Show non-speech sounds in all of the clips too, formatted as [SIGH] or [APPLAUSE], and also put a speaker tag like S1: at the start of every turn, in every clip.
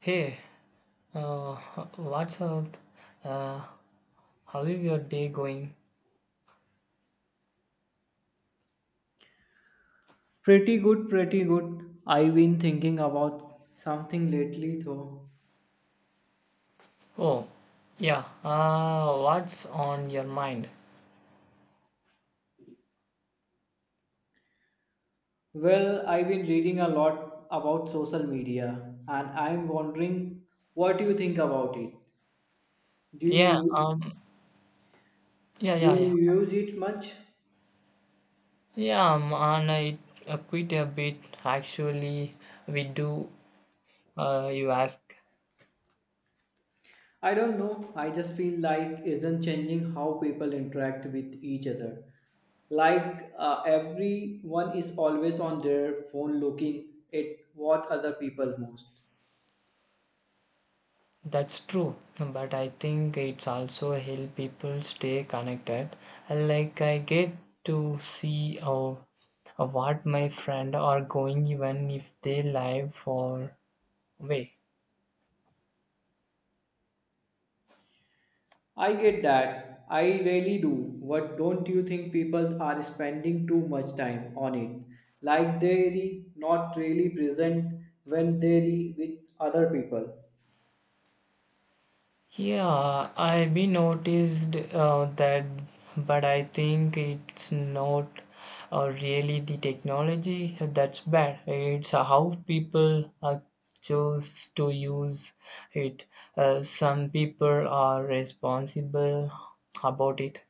S1: Hey, uh, what's up? Uh, how is your day going?
S2: Pretty good, pretty good. I've been thinking about something lately though.
S1: Oh, yeah. What's on your mind?
S2: Well, I've been reading a lot about social media and I'm wondering what you think about it. Do
S1: Yeah.
S2: you
S1: Um. Yeah.
S2: do
S1: Yeah. Yeah.
S2: you use it much?
S1: Yeah. And I quit a bit. Actually, we do. You ask.
S2: I don't know. I just feel like isn't changing how people interact with each other. Like everyone is always on their phone looking at what other people most.
S1: That's true, but I think it's also help people stay connected. Like I get to see what my friend are going even if they live for way.
S2: I get that. I really do. But don't you think people are spending too much time on it? Like they're not really present when they're with other people.
S1: Yeah, I be noticed that, but I think it's not really the technology that's bad. It's how people choose to use it. Some people are responsible about it.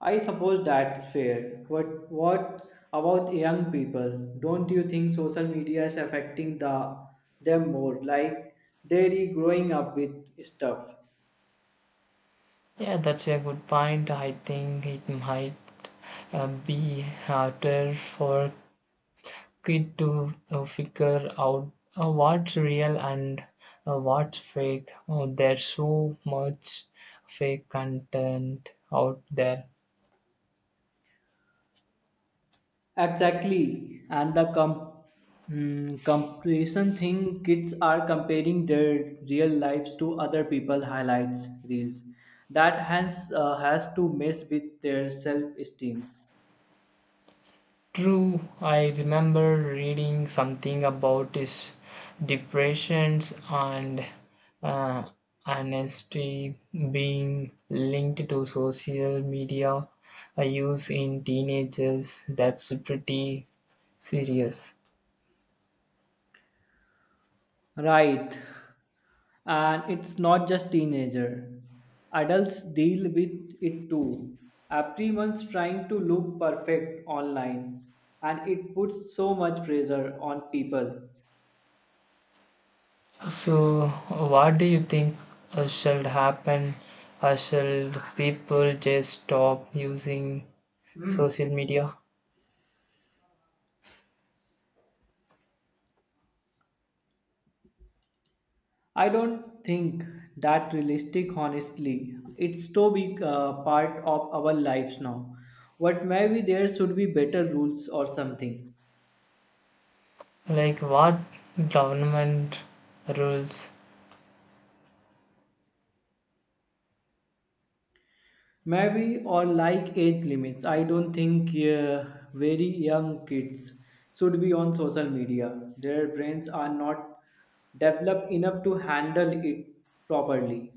S2: I suppose that's fair. But what about young people? Don't you think social media is affecting them more? Like they're growing up with stuff.
S1: Yeah, that's a good point. I think it might be harder for kid to figure out what's real and what's fake. Oh, there's so much fake content out there.
S2: Exactly, and comparison thing kids are comparing their real lives to other people highlights reels. That has has to mess with their self esteems.
S1: True, I remember reading something about his depressions and uh, honesty being linked to social media use in teenagers. That's pretty serious.
S2: Right, and it's not just teenager. Adults deal with it too. Everyone's trying to look perfect online, and it puts so much pressure on people.
S1: So, what do you think shall happen? Shall people just stop using social media?
S2: I don't think that realistic, honestly. It's too big a part of our lives now. But maybe there should be better rules or something.
S1: Like, what government rules
S2: Maybe or like age limits. I don't think very young kids should be on social media. Their brains are not developed enough to handle it properly.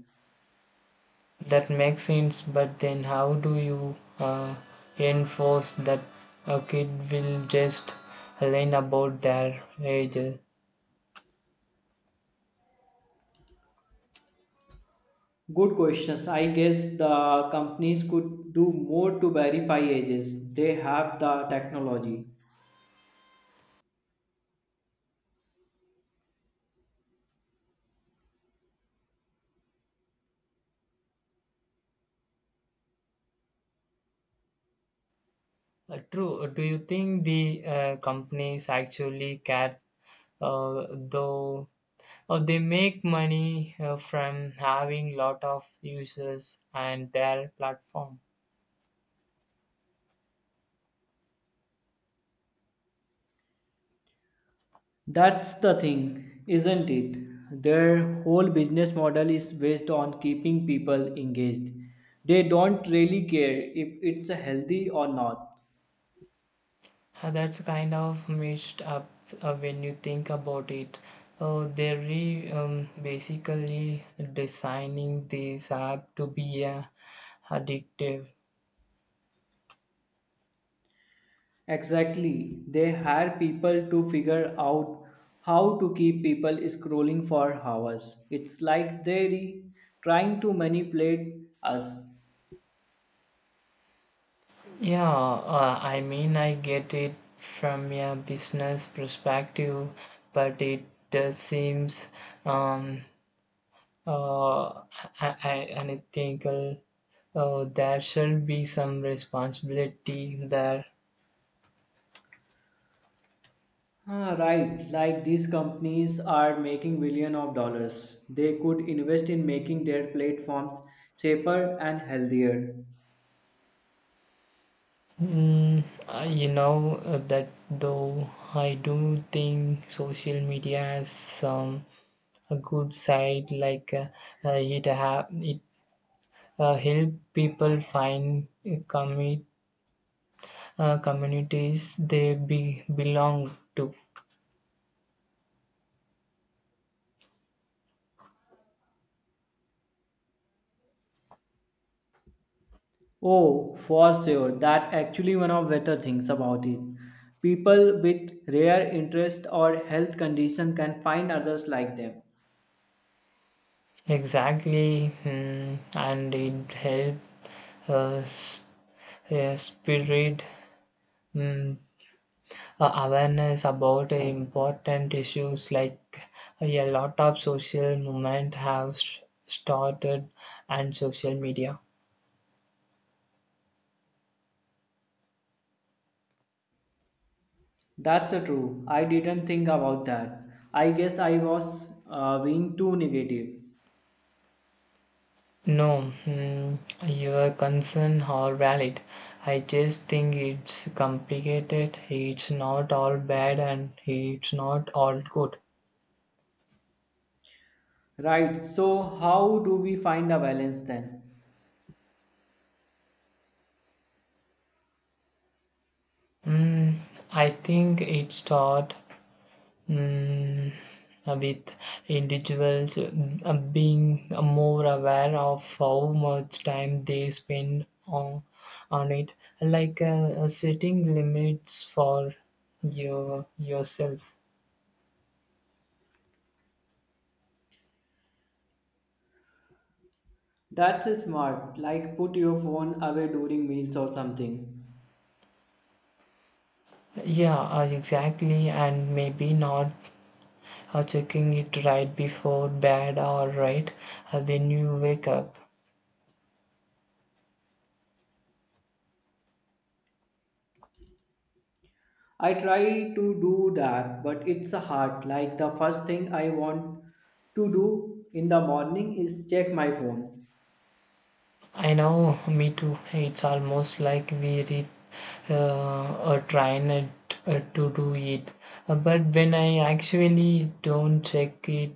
S1: that make sense? But then, how do you enforce that a kid will just learn about their age?
S2: Good questions. I guess the companies could do more to verify ages. They have the technology.
S1: True. Do you think the companies actually care, though? They make money from having lot of users and their platform.
S2: That's the thing, isn't it? Their whole business model is based on keeping people engaged. They don't really care if it's healthy or not.
S1: That's kind of mixed up when you think about it. They're basically designing this app to be addictive.
S2: Exactly. They hire people to figure out how to keep people scrolling for hours. It's like they're trying to manipulate us.
S1: Yeah, I mean, I get it from a business perspective, but it does seems um, uh, unethical. Oh, there shall be some responsibility there.
S2: Ah, right, like these companies are making billion of dollars. They could invest in making their platforms safer and healthier.
S1: Mm, I- that though, I do think social media has some a good side, like it have it help people find communities they be belong to.
S2: Oh, for sure, that actually one of better things about it. People with rare interest or health condition can find others like them.
S1: Exactly, mm, and it help uh, s- spirit mm, awareness about important issues like a lot of social movement have started and social media.
S2: That's the true. I didn't think about that. I guess I was being too negative.
S1: No, mm, your concern are valid. I just think it's complicated. It's not all bad and it's not all good.
S2: Right, so how do we find a balance then?
S1: Mm, I think it start, mm, with individuals being more aware of how much time they spend on it, like setting limits for yourself.
S2: That's smart. Like put your phone away during meals or something.
S1: Yeah, exactly, and maybe not checking it right before bed or right when you wake up.
S2: I try to do that, but it's hard. Like the first thing I want to do in the morning is check my phone.
S1: I know, me too. It's almost like we read or try not to do it. But when I actually don't check it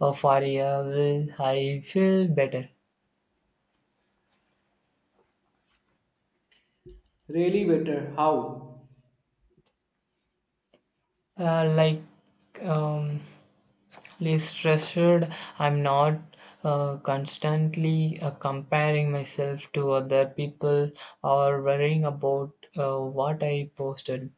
S1: for a while, I feel better.
S2: Really better. How?
S1: Like um, less stressed. I'm not constantly comparing myself to other people or worrying about what I posted.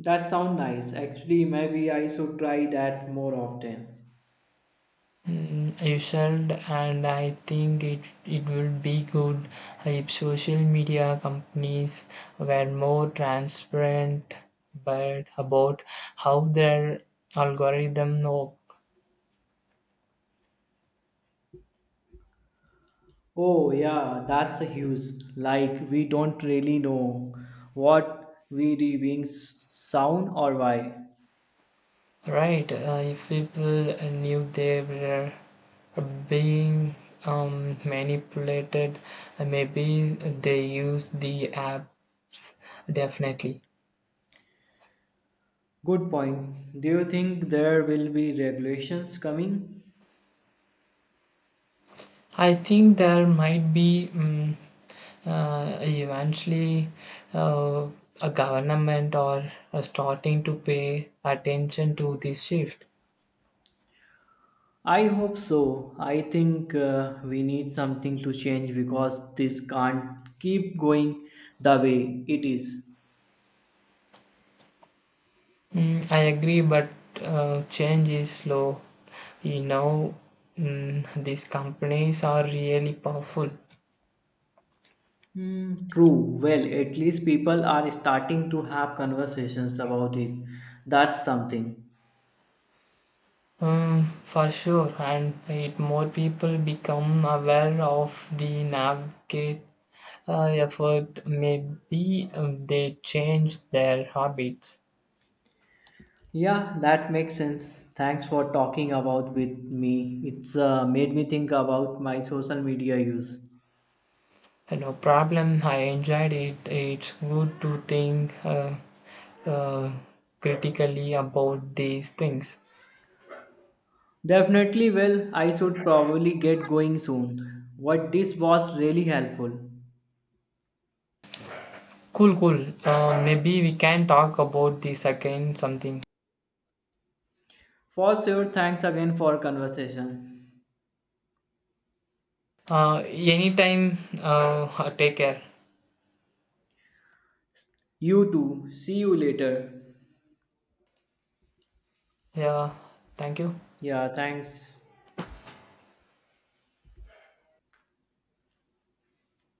S2: That sound nice. Actually, maybe I should try that more often.
S1: Mm, you should, and I think it would be good if social media companies were more transparent but about how their algorithm work.
S2: Oh yeah, that's a huge. Like we don't really know what we reading sound or why.
S1: Right? If people knew they were being manipulated, maybe they use the apps. Definitely,
S2: Good point. Do you think there will be regulations coming?
S1: I think there might be. Eventually uh, a government or are starting to pay attention to this shift.
S2: I hope so. I think we need something to change because this can't keep going the way it is.
S1: Mm, I agree, but change is slow. You know, mm, these companies are really powerful.
S2: Hmm, true. Well, at least people are starting to have conversations about it. That's something.
S1: For sure, and it more people become aware of the navigate effort, maybe they change their habits.
S2: Yeah, that makes sense. Thanks for talking about with me. It's made me think about my social media use.
S1: No problem. I enjoyed it. It's good to think uh, critically about these things.
S2: Definitely, well, I should probably get going soon. What this was really helpful.
S1: Cool, cool. Maybe we can talk about this again something.
S2: For sure, thanks again for conversation.
S1: Anytime. [LAUGHS] Take care.
S2: You too. See you later.
S1: Yeah. Thank you.
S2: Yeah, thanks.